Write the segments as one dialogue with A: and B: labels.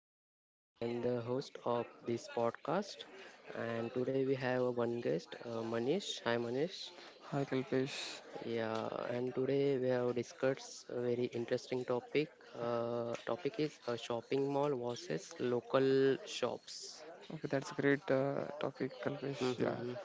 A: I am the host of this podcast, and today we have one guest, Manish. Hi, Manish.
B: Hi, Kalpesh.
A: Yeah, and today we have discussed a very interesting topic. Topic is shopping mall versus local shops.
B: Okay, that's a great topic, Kalpesh. Yeah.
A: Mhm.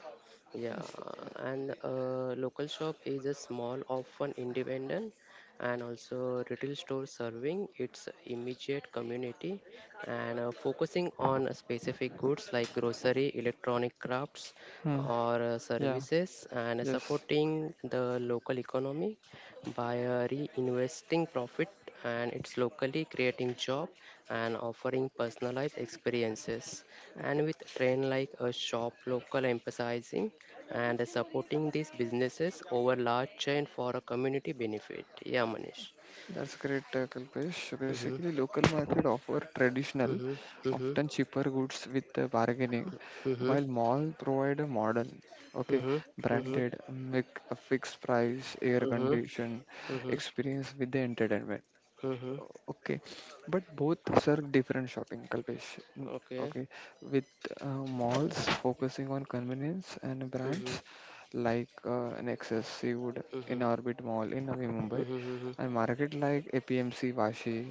A: Yeah,
B: Yes.
A: and local shop is a small, often independent, and also retail store serving its immediate community and focusing on specific goods like grocery, electronic crafts,
B: Hmm.
A: or
B: Yeah.
A: services, and
B: Yes.
A: supporting the local economy by reinvesting profit and it's locally creating job and offering personalized experiences and
B: Okay.
A: with trend like a shop local emphasizing and supporting these businesses over large chain for a community benefit, yeah, Manish.
B: That's great, Kalpesh. So basically,
A: Mm-hmm,
B: local market offer traditional,
A: mm-hmm, mm-hmm,
B: often cheaper goods with bargaining,
A: mm-hmm,
B: while mall provide a modern, okay,
A: mm-hmm,
B: branded, make a fixed price, air
A: mm-hmm, mm-hmm,
B: condition,
A: mm-hmm,
B: experience with the entertainment.
A: mm-hmm,
B: Okay, but both serve different shopping, Kalpesh. Mm,
A: okay,
B: okay, with malls focusing on convenience and
A: mm-hmm,
B: brands like Nexus, Seawood,
A: mm-hmm,
B: in Orbit Mall in Navi Mumbai,
A: mm-hmm, mm-hmm,
B: and market like APMC Vashi,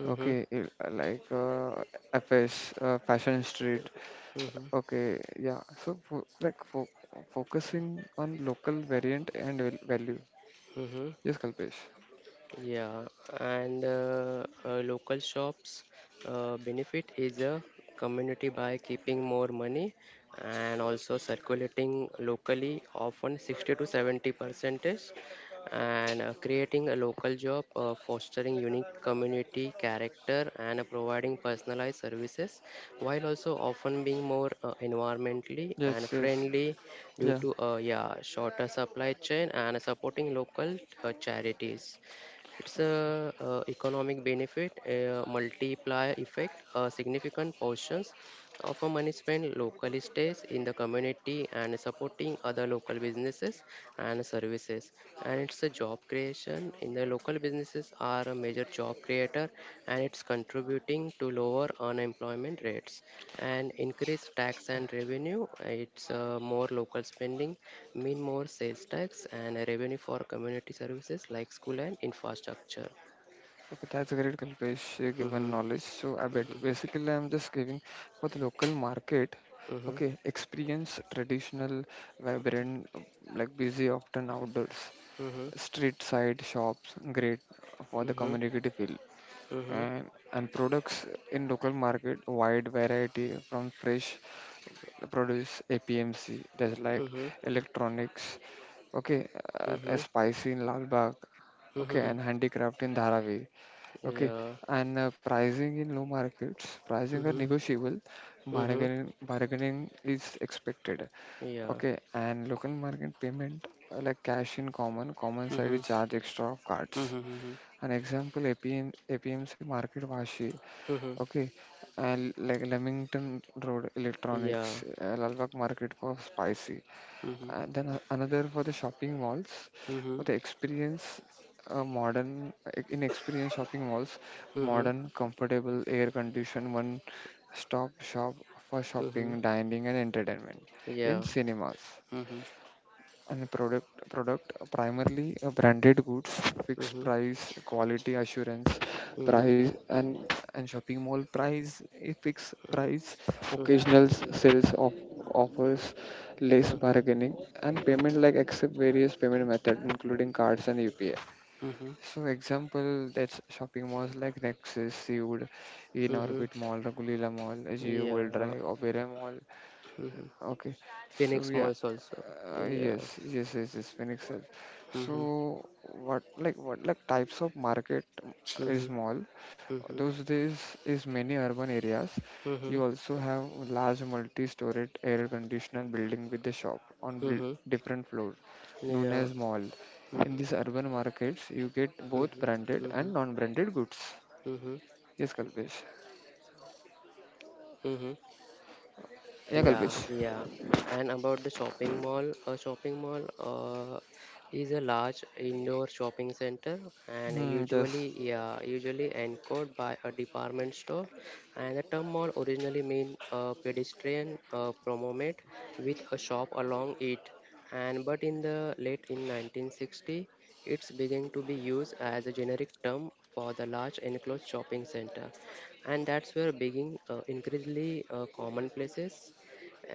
A: mm-hmm,
B: like FS, Fashion Street.
A: mm-hmm,
B: Okay, yeah, so fo like fo focusing on local variant and value.
A: mm-hmm.
B: Yes, Kalpesh.
A: Yeah, and local shops benefit is a community by keeping more money and also circulating locally, often 60 to 70 percentage, and creating a local job, fostering unique community character, and providing personalized services, while also often being more environmentally and
B: Yes, yes,
A: friendly due
B: yeah.
A: to shorter supply chain and supporting local charities. It's a economic benefit, a multiplier effect. A significant portions of our money spent locally stays in the community and supporting other local businesses and services. And it's a job creation. In the local businesses are a major job creator, and it's contributing to lower unemployment rates and increased tax and revenue. It's more local spending mean more sales tax and revenue for community services like school and infrastructure.
B: Okay, that's a great Kalpesh, given
A: Mm-hmm.
B: knowledge. So I bet
A: Mm-hmm.
B: basically I'm just giving for the local market.
A: Mm-hmm.
B: Okay, experience traditional, vibrant, like busy often outdoors,
A: Mm-hmm.
B: street side shops, great for the
A: Mm-hmm.
B: community feel.
A: Mm-hmm.
B: And products in local market, wide variety from fresh produce, APMC, that's like
A: Mm-hmm.
B: electronics. Okay, a spicy in Lalbagh.
A: Mm-hmm.
B: Okay,
A: Mm-hmm.
B: and handicraft in Dharavi. Okay,
A: Yeah.
B: and pricing in low markets, pricing are
A: Mm-hmm.
B: negotiable,
A: Mm-hmm.
B: bargaining is expected.
A: Yeah.
B: Okay, and local market payment like cash in common, common side you
A: Mm-hmm.
B: charge extra of cards.
A: Mm-hmm. Mm-hmm.
B: An example APMC Market washi.
A: Mm-hmm.
B: Okay, and like Leamington Road
A: Yeah.
B: Electronics, Lalbagh Market for spicy,
A: Mm-hmm.
B: and then another for the shopping malls
A: Mm-hmm.
B: for the experience. Modern in experience shopping malls,
A: Mm-hmm.
B: modern comfortable air conditioned one stop shop for
A: Mm-hmm.
B: shopping, dining and entertainment, in
A: Yeah.
B: cinemas.
A: Mm-hmm. Mm-hmm.
B: And product primarily branded goods, fixed
A: Mm-hmm.
B: price, quality assurance
A: Mm-hmm.
B: price. And shopping mall price a fixed price,
A: Mm-hmm.
B: sales of offers, less bargaining. And payment like accept various payment method including cards and upi.
A: Mm-hmm.
B: So example that's shopping malls like Nexus, Seawood, In
A: Mm-hmm.
B: Orbit Mall, Ragulila Mall, Geo World
A: Yeah.
B: Drive, Oberoi Mall.
A: Mm-hmm.
B: Okay, so
A: Phoenix
B: yeah,
A: Malls also. Yeah.
B: yes, yes, yes, yes, Phoenix Edge. So
A: Mm-hmm.
B: what like types of market, is
A: Mm-hmm.
B: mall?
A: Mm-hmm.
B: Those days is many urban areas.
A: Mm-hmm.
B: You also have large multi-storied air-conditioned building with the shop on
A: Mm-hmm.
B: different floors, known
A: Yeah.
B: as mall. In
A: Mm-hmm.
B: these urban markets, you get both
A: Mm-hmm.
B: branded
A: Mm-hmm.
B: and non-branded goods.
A: Mm-hmm.
B: Yes, Kalpesh.
A: Mm-hmm.
B: Yeah,
A: Yeah,
B: Kalpesh.
A: yeah. And about the shopping mall, a shopping mall is a large indoor shopping center and
B: Hmm, yes.
A: usually, yeah, usually encoded by a department store. And the term mall originally mean a pedestrian promenade with a shop along it. And but in the late in 1960, it's began to be used as a generic term for the large enclosed shopping center and that's where begging increasingly commonplaces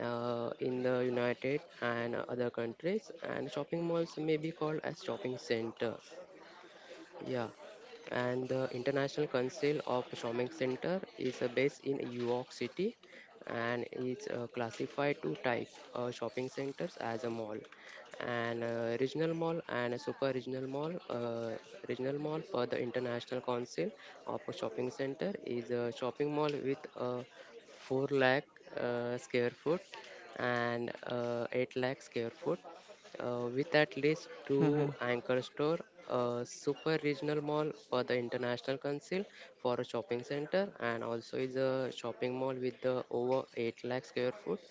A: in the United and other countries, and shopping malls may be called as shopping center. Yeah, and the International Council of Stomach Center is based in New York City and is classified to type shopping centers as a mall and regional mall and a super regional mall, regional mall per the international council of a shopping center is a shopping mall with 4 lakh square foot and 8 lakh square foot with at least
B: Hmm,
A: two
B: hmm.
A: anchor store, a super regional mall for the international council for a shopping center, and also is a shopping mall with the over 8 lakh square foot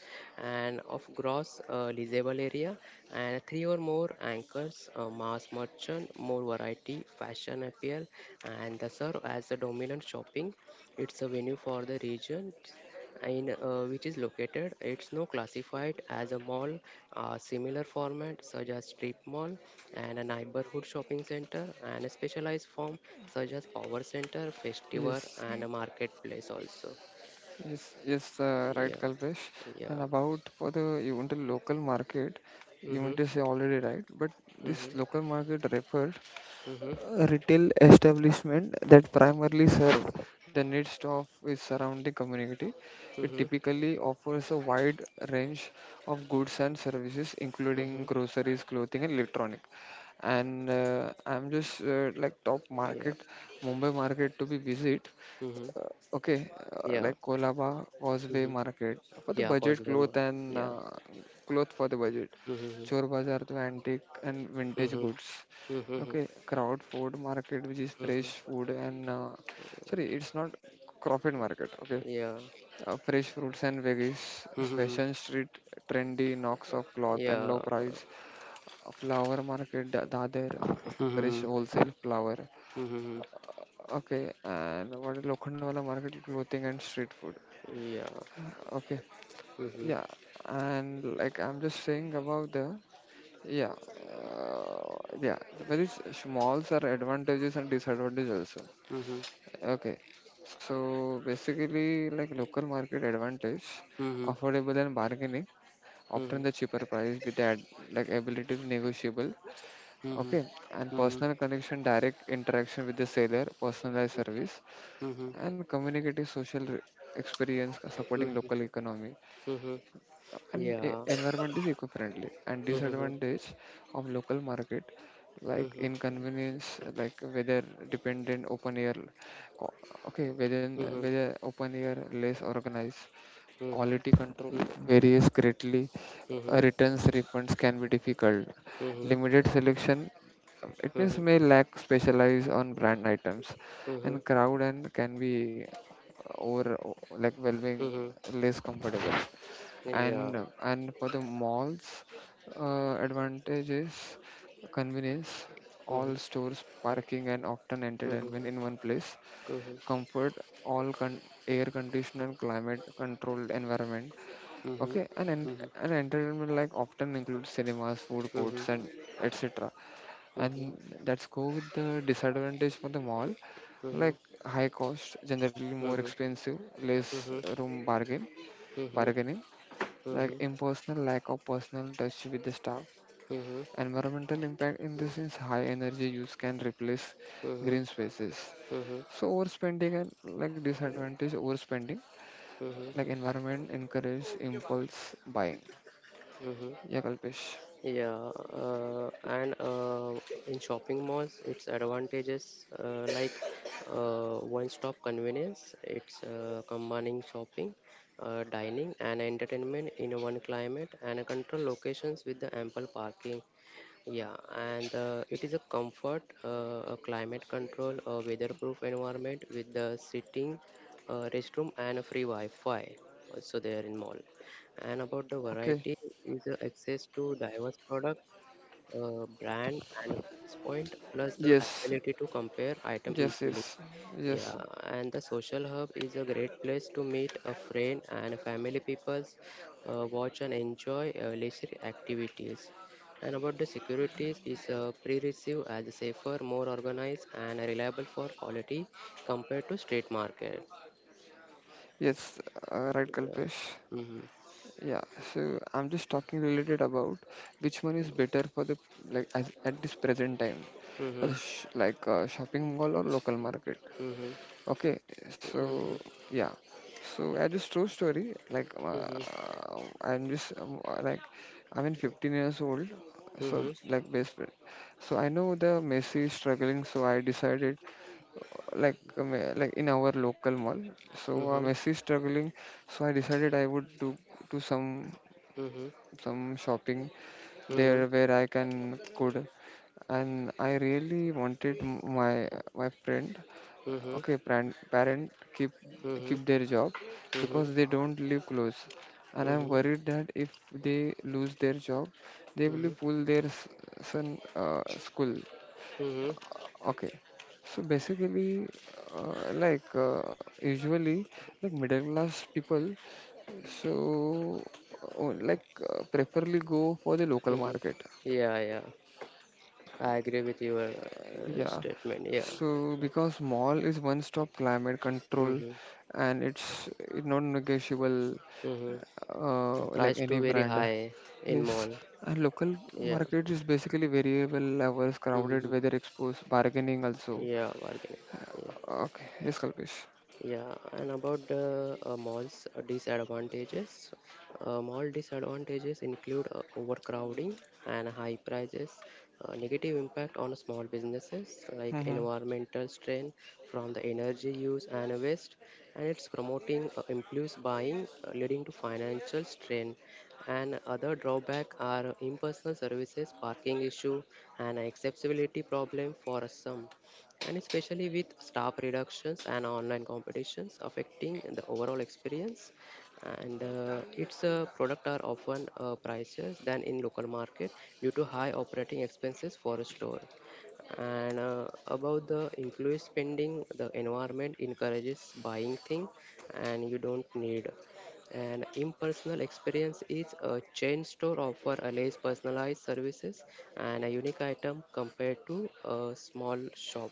A: and of gross leasable area, and three or more anchors, mass merchant, more variety, fashion appeal, and the serve as the dominant shopping. It's a venue for the region in which is located. It's now classified as a mall, a similar format such as strip mall and a neighborhood shopping center and a specialized form such as power center, festival
B: Yes.
A: and a marketplace also.
B: Yes, yes, right,
A: Yeah,
B: Kalpesh.
A: yeah.
B: And about for the even the local market, you
A: Mhm,
B: want to say already right, but
A: mhm,
B: this local market referred
A: mhm,
B: retail establishment that primarily serve the needs of its surrounding community. It
A: mhm,
B: typically offers a wide range of goods and services, including
A: mhm.
B: groceries, clothing, and electronic. And I'm just like top
A: Yeah,
B: market, Mumbai market to be visit.
A: mhm,
B: Uh, okay,
A: yeah,
B: like Kolaba, Causeway
A: mhm,
B: Market for the
A: yeah.
B: budget
A: Causeway
B: cloth,
A: Mall.
B: and
A: Yeah.
B: cloth for the budget.
A: Mhm,
B: Chor Bazaar to antique and vintage
A: mhm,
B: goods.
A: mhm, mhm,
B: Okay, crowd food market, which is
A: mhm,
B: fresh
A: mhm.
B: food, and sorry, it's not crowded market. Okay,
A: Yeah.
B: fresh fruits and veggies,
A: Mhm, mhm.
B: fashion street, trendy knocks of cloth and low
A: Yeah.
B: price. Flower market, Dadar, fresh
A: Mhm.
B: wholesale flower.
A: Mm-hmm.
B: Okay, and what is Lokhandwala market, clothing and street food.
A: Yeah.
B: Okay,
A: Mm-hmm.
B: yeah, and like I'm just saying about the yeah, uh, yeah. Very smalls are advantages and disadvantages also.
A: Mm-hmm.
B: Okay, so basically, like local market advantage,
A: Mm-hmm.
B: affordable and bargaining, often the cheaper price with that like ability to negotiable.
A: Mm-hmm. Mm-hmm.
B: Okay, and
A: Mm-hmm.
B: personal connection, direct interaction with the seller, personalized service,
A: Mm-hmm.
B: and communicative experience supporting
A: Mm-hmm.
B: local economy,
A: Mm-hmm.
B: and
A: Yeah.
B: environment is eco-friendly. And
A: Mm-hmm.
B: disadvantage of local market like
A: Mm-hmm.
B: inconvenience, like weather dependent open air co- okay,
A: Mm-hmm.
B: whether open air, less organized,
A: Mm-hmm.
B: quality control varies greatly,
A: Mm-hmm.
B: returns refunds can be difficult,
A: Mm-hmm.
B: limited selection, it means
A: Mm-hmm.
B: may lack specialized on brand items,
A: Mm-hmm.
B: and crowd and can be uh, over o- like whelming,
A: Mm-hmm.
B: less comfortable.
A: Yeah.
B: And for the malls, advantage is convenience, all
A: Mm-hmm.
B: stores, parking, and often
A: Mm-hmm.
B: entertainment
A: Mm-hmm.
B: in one place.
A: Mm-hmm.
B: Comfort, all con- air conditioned climate controlled environment.
A: Mm-hmm.
B: Okay, and and entertainment, like often includes cinemas, food
A: Mm-hmm. Mm-hmm. Mm-hmm. Mm-hmm.
B: courts,
A: Mm-hmm.
B: and etc. And
A: Mm-hmm.
B: let's go with the disadvantage for the mall, like high cost, generally more expensive, less room bargain bargaining, like impersonal, lack of personal touch with the staff. Environmental impact in this is high energy use, can replace green spaces.
A: Mm-hmm.
B: So overspending, and like disadvantage overspending,
A: Mm-hmm. Mm-hmm. Mm-hmm.
B: like environment encourages impulse buying.
A: Mm-hmm.
B: Yeah, Kalpesh.
A: Yeah, and in shopping malls, its advantages like one-stop convenience. It's combining shopping, dining, and entertainment in one climate and control locations with the ample parking, yeah, and it is a comfort, a climate control, a weatherproof environment with the sitting restroom and a free Wi-Fi also there in mall. And about the
B: Okay.
A: variety is access to diverse product, brand and a price point, plus the
B: Yes.
A: ability to compare item
B: Yes.
A: easily.
B: Yes.
A: Yeah,
B: Yes.
A: and the social hub is a great place to meet a friend and family peoples, watch and enjoy leisure activities. And about the securities is pre-receive as safer, more organized and reliable for quality compared to street market.
B: Yes. Right,
A: Yeah.
B: Kalpesh.
A: Mm-hmm.
B: Yeah, so I'm just talking related about which one is better for the, like as, at this present time, a sh like a shopping mall or local market.
A: Mm-hmm. Mm-hmm.
B: Okay, so
A: Mm-hmm.
B: yeah, so I just true story. Like
A: Mm-hmm.
B: I'm just like I'm in 15 years old, so
A: Mm-hmm.
B: like best friend. So I know the Messi is struggling, so I decided like in our local mall. So
A: Mm-hmm.
B: Messi is struggling, so I decided I would do to some
A: Mm-hmm.
B: shopping there
A: Mm-hmm.
B: where I can could, and I really wanted my friend,
A: Mhm.
B: okay, parent keep
A: Mhm.
B: their job,
A: Mhm.
B: because they don't live close, and I'm
A: Mhm.
B: worried that if they lose their job, they will
A: Mhm.
B: pull their son, school.
A: Mhm.
B: Okay, so basically, like usually like middle class people, so, oh, like preferably go for the local
A: Mhm.
B: market.
A: Yeah, yeah. I agree with your
B: Yeah.
A: statement. Yeah.
B: So because mall is one-stop climate control,
A: Mhm.
B: and it's it non-negotiable,
A: Mhm. And
B: like
A: price
B: any
A: too very
B: brand.
A: high in
B: Yes,
A: mall.
B: and local
A: Yeah.
B: market is basically variable hours, crowded
A: Mhm.
B: weather, exposed bargaining also.
A: Yeah, bargaining.
B: Okay, yes, Kalpesh.
A: Yeah, and about the mall's disadvantages, mall disadvantages include overcrowding and high prices, negative impact on small businesses like
B: Mm-hmm.
A: environmental strain from the energy use and waste, and it's promoting impulse buying, leading to financial strain. And other drawback are impersonal services, parking issue, and accessibility problem for some and especially with staff reductions and online competitions affecting the overall experience and its product are often pricier than in local market due to high operating expenses for a store and about the inclusive spending the environment encourages buying thing and you don't need an impersonal experience is a chain store offer a less personalized services and a unique item compared to a small shop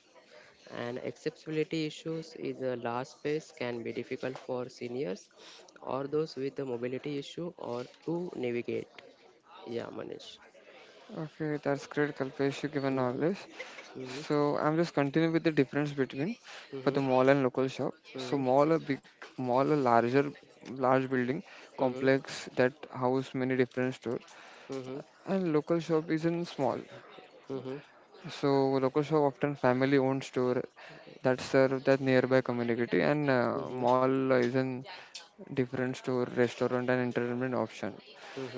A: and accessibility issues is a large space can be difficult for seniors or those with a mobility issue or to navigate. Yeah, Manish.
B: Okay, that's great, Kalpesh. You given all
A: Mm-hmm.
B: this.
A: Mm-hmm.
B: So I'm just continuing with the difference between for
A: Mm-hmm.
B: the mall and local shop. So
A: Mm-hmm.
B: mall a large building
A: Mm-hmm.
B: complex that house many different stores,
A: Mm-hmm.
B: and local shop is in small.
A: Mm-hmm. Mm-hmm.
B: So local shop often family owned store that serve that nearby community, and mall is in different store, restaurant, and entertainment option.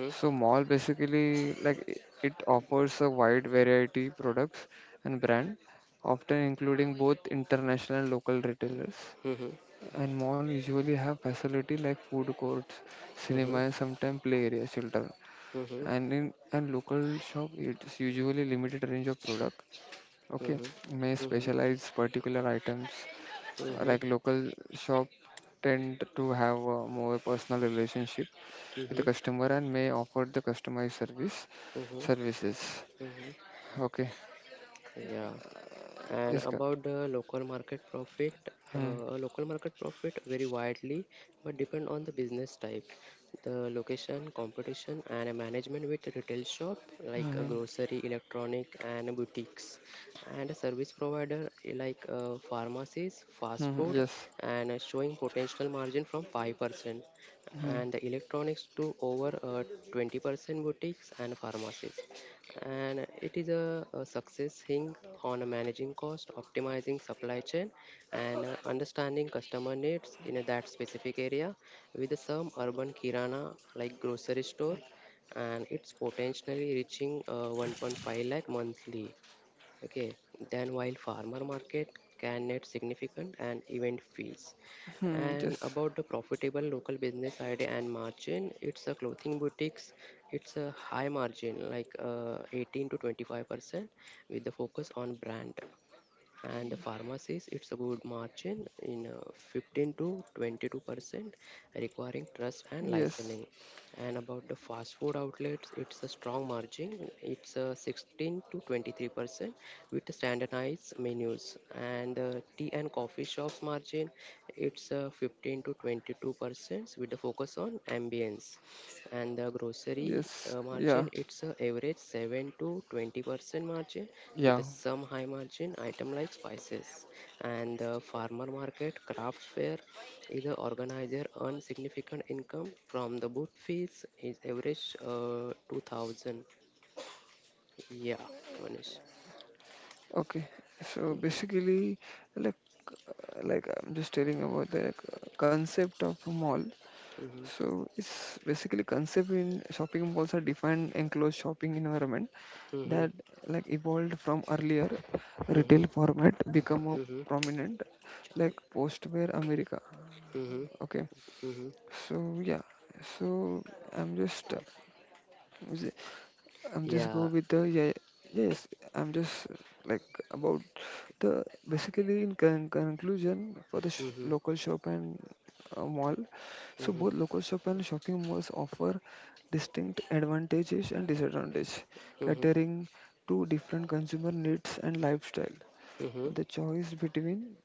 B: So mall basically it offers a wide variety products and brand, often including both international and local retailers.
A: Mm-hmm.
B: And mall usually have facility like food courts,
A: Mm-hmm. Mm-hmm. Mm-hmm. Mm-hmm.
B: cinema, and sometimes play area children.
A: Mm-hmm.
B: And in and local shop, it's usually limited range of product. Okay, may
A: Mm-hmm.
B: specialize particular items.
A: Mm-hmm.
B: Like local shop tend to have a more personal relationship with the customer, and may offer the customized
A: Mm-hmm.
B: services.
A: Mm-hmm.
B: Okay.
A: Yeah. And
B: Yes.
A: about the
B: Hmm.
A: local market profit vary widely but depend on the business type, the location, competition, and a management with a retail shop like a
B: Hmm.
A: grocery, electronic, and boutiques, and a service provider like pharmacies, fast
B: Hmm.
A: food,
B: Yes.
A: and showing potential margin from 5%
B: Hmm.
A: and the electronics to over 20% boutiques and pharmacies. And it is a success thing on managing cost, optimizing supply chain, and understanding customer needs in that specific area with some urban kirana like grocery store and it's potentially reaching 1.5 lakh monthly. Okay, then while farmer market can net significant and event fees.
B: Hmm.
A: And
B: Yes.
A: about the profitable local business idea and margin, it's a clothing boutiques. It's a high margin, like 18 to 25%, with the focus on brand and the pharmacies it's a good margin in 15 to 22% requiring trust and
B: Yes.
A: licensing and about the fast food outlets it's a strong margin it's 16 to 23% with standardized menus and tea and coffee shops margin it's 15 to 22% with the focus on ambience and the grocery
B: Yes. Yeah.
A: margin it's a average 7 to 20% margin
B: Yeah.
A: with a some high margin item like spices and the farmer market craft fair is a organizer earn significant income from the booth fees is average 2000, yeah, Manish.
B: Okay. So
A: Mhm,
B: basically, like I'm just telling about the concept of a mall.
A: mhm,
B: So it's basically concept in shopping malls are defined enclosed shopping environment
A: mhm,
B: that, like, evolved from earlier
A: mhm,
B: retail format, become a
A: mhm.
B: prominent like
A: Charm-
B: postware America.
A: mhm,
B: Okay.
A: mhm.
B: So yeah. So I'm just is it- I'm just go
A: Yeah.
B: with the yeah, yes. I'm just like about the basically in conclusion for the
A: Mhm,
B: local shop and mall. So
A: mhm,
B: both local shop and shopping malls offer distinct advantages and disadvantages,
A: mhm,
B: catering to different consumer needs and lifestyle.
A: mhm.
B: The choice between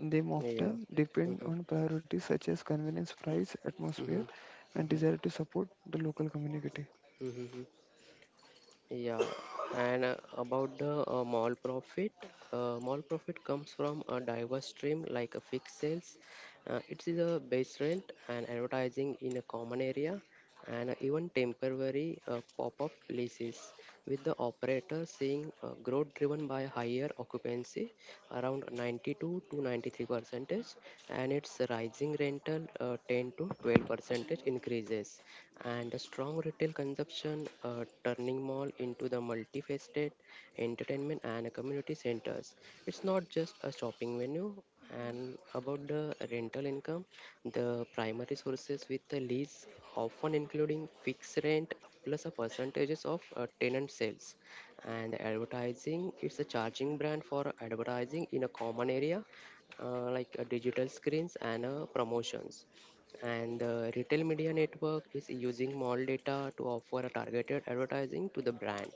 B: them
A: Yeah.
B: often depend
A: Mm-hmm.
B: on priorities such as convenience, price, atmosphere,
A: Mhm,
B: and
A: mhm.
B: desire to support the local community.
A: Mm-hmm. Yeah. And about the mall profit comes from a diverse stream like a fixed sales. It is a base rent and advertising in a common area and even temporary pop-up leases with the operator seeing growth driven by higher occupancy around 92 to 93 percentage and its rising rental, 10 to 12 percentage increases and a strong retail consumption, turning mall into the multifaceted entertainment and community centers it's not just a shopping venue and about the rental income, the primary sources with the lease often including fixed rent plus a percentages of tenant sales. And advertising, it's a charging brand for advertising in a common area, digital screens and promotions. And the retail media network is using mall data to offer a targeted advertising to the brand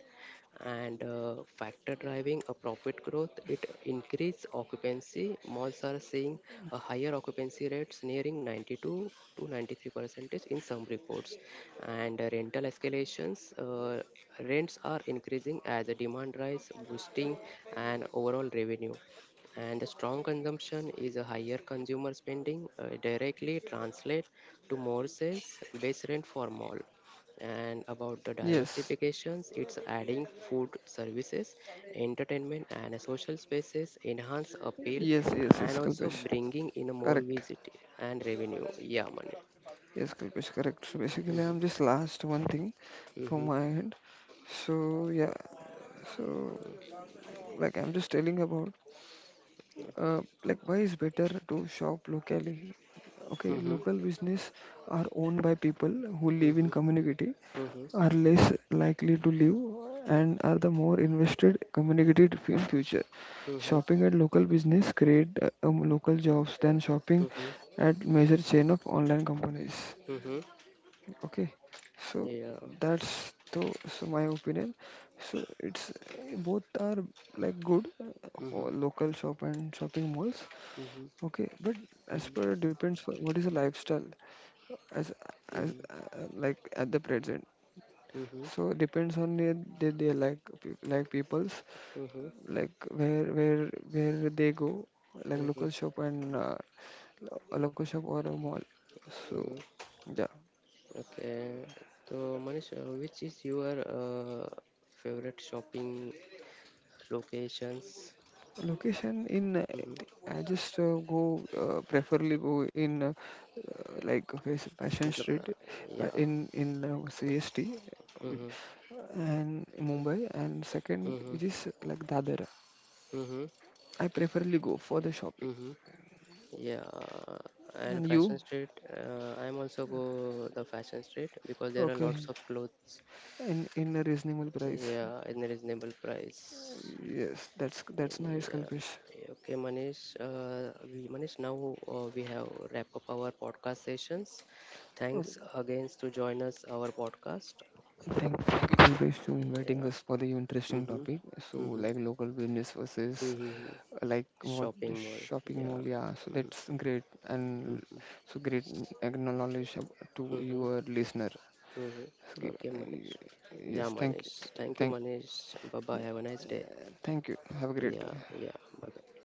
A: and factor driving a profit growth it increase occupancy malls are seeing a higher occupancy rates nearing 92 to 93 percentage in some reports and rental escalations, uh, rents are increasing as a demand rise boosting and overall revenue and the strong consumption is a higher consumer spending, directly translate to more sales base rent for mall and about the
B: Yes,
A: diversifications it's adding food services entertainment and social spaces enhance appeal
B: yes, yes, yes,
A: and also
B: Kalpesh.
A: bringing in more
B: Correct.
A: visit and revenue, yeah, money.
B: Yes, Kalpesh, correct. So basically,
A: Mm-hmm.
B: I'm just last one thing from
A: Mm-hmm.
B: my end. So yeah, so like I'm just telling about like why is better to shop locally. Okay,
A: Mm-hmm.
B: local business are owned by people who live in
A: Mm-hmm.
B: community, are less likely to leave, and are the more invested community in future.
A: Mm-hmm. Mm-hmm.
B: Shopping at local business create local jobs than shopping
A: Mm-hmm.
B: at major chain of online companies.
A: Mm-hmm.
B: Okay, so
A: Yeah.
B: that's the, so my opinion, so it's both are like good for
A: Mm-hmm.
B: local shop and shopping malls.
A: Mm-hmm.
B: Okay, but as per
A: Mm-hmm.
B: depends for what is the lifestyle, as
A: Mm-hmm.
B: like at the present.
A: Mm-hmm. Mm-hmm.
B: So depends on their like like peoples, like where they go, like
A: Mm-hmm.
B: local shop and a local shop or a mall. So
A: Hmm,
B: yeah,
A: okay. So Manish, which is your favorite shopping locations?
B: location in
A: hmm,
B: I just go preferably go in like Passion Street
A: मतलब या
B: in CST which-
A: hmm,
B: and Mumbai, and second
A: hmm,
B: which is like Dadar.
A: Hmm,
B: I preferably go for the shopping.
A: Hmm, yeah,
B: And
A: and
B: you?
A: fashion street. I'm also go the fashion street because there are
B: Okay.
A: lots of clothes,
B: In a reasonable price.
A: yeah, in a reasonable price.
B: Yes, that's nice,
A: Yeah.
B: Kalpesh.
A: Yeah, okay, Manish, now we have wrap up our podcast sessions. Thanks again to join us our podcast.
B: Thank you, Kulbesh, to inviting
A: Yeah.
B: us for the interesting
A: Mm-hmm.
B: topic. So,
A: Mm-hmm.
B: like local business versus
A: Mm-hmm.
B: like what the
A: Shopping mall.
B: shopping mall.
A: Yeah.
B: Yeah, so that's great, and
A: Mm-hmm.
B: so great acknowledge to
A: Mm-hmm.
B: your listener.
A: Mm-hmm.
B: So,
A: Okay, Manish.
B: uh,
A: Yeah,
B: yes,
A: Manish. Thank you,
B: thank,
A: Manish. Bye bye. Have a nice day.
B: thank you. Have a great
A: Yeah,
B: day.
A: yeah. Bye bye.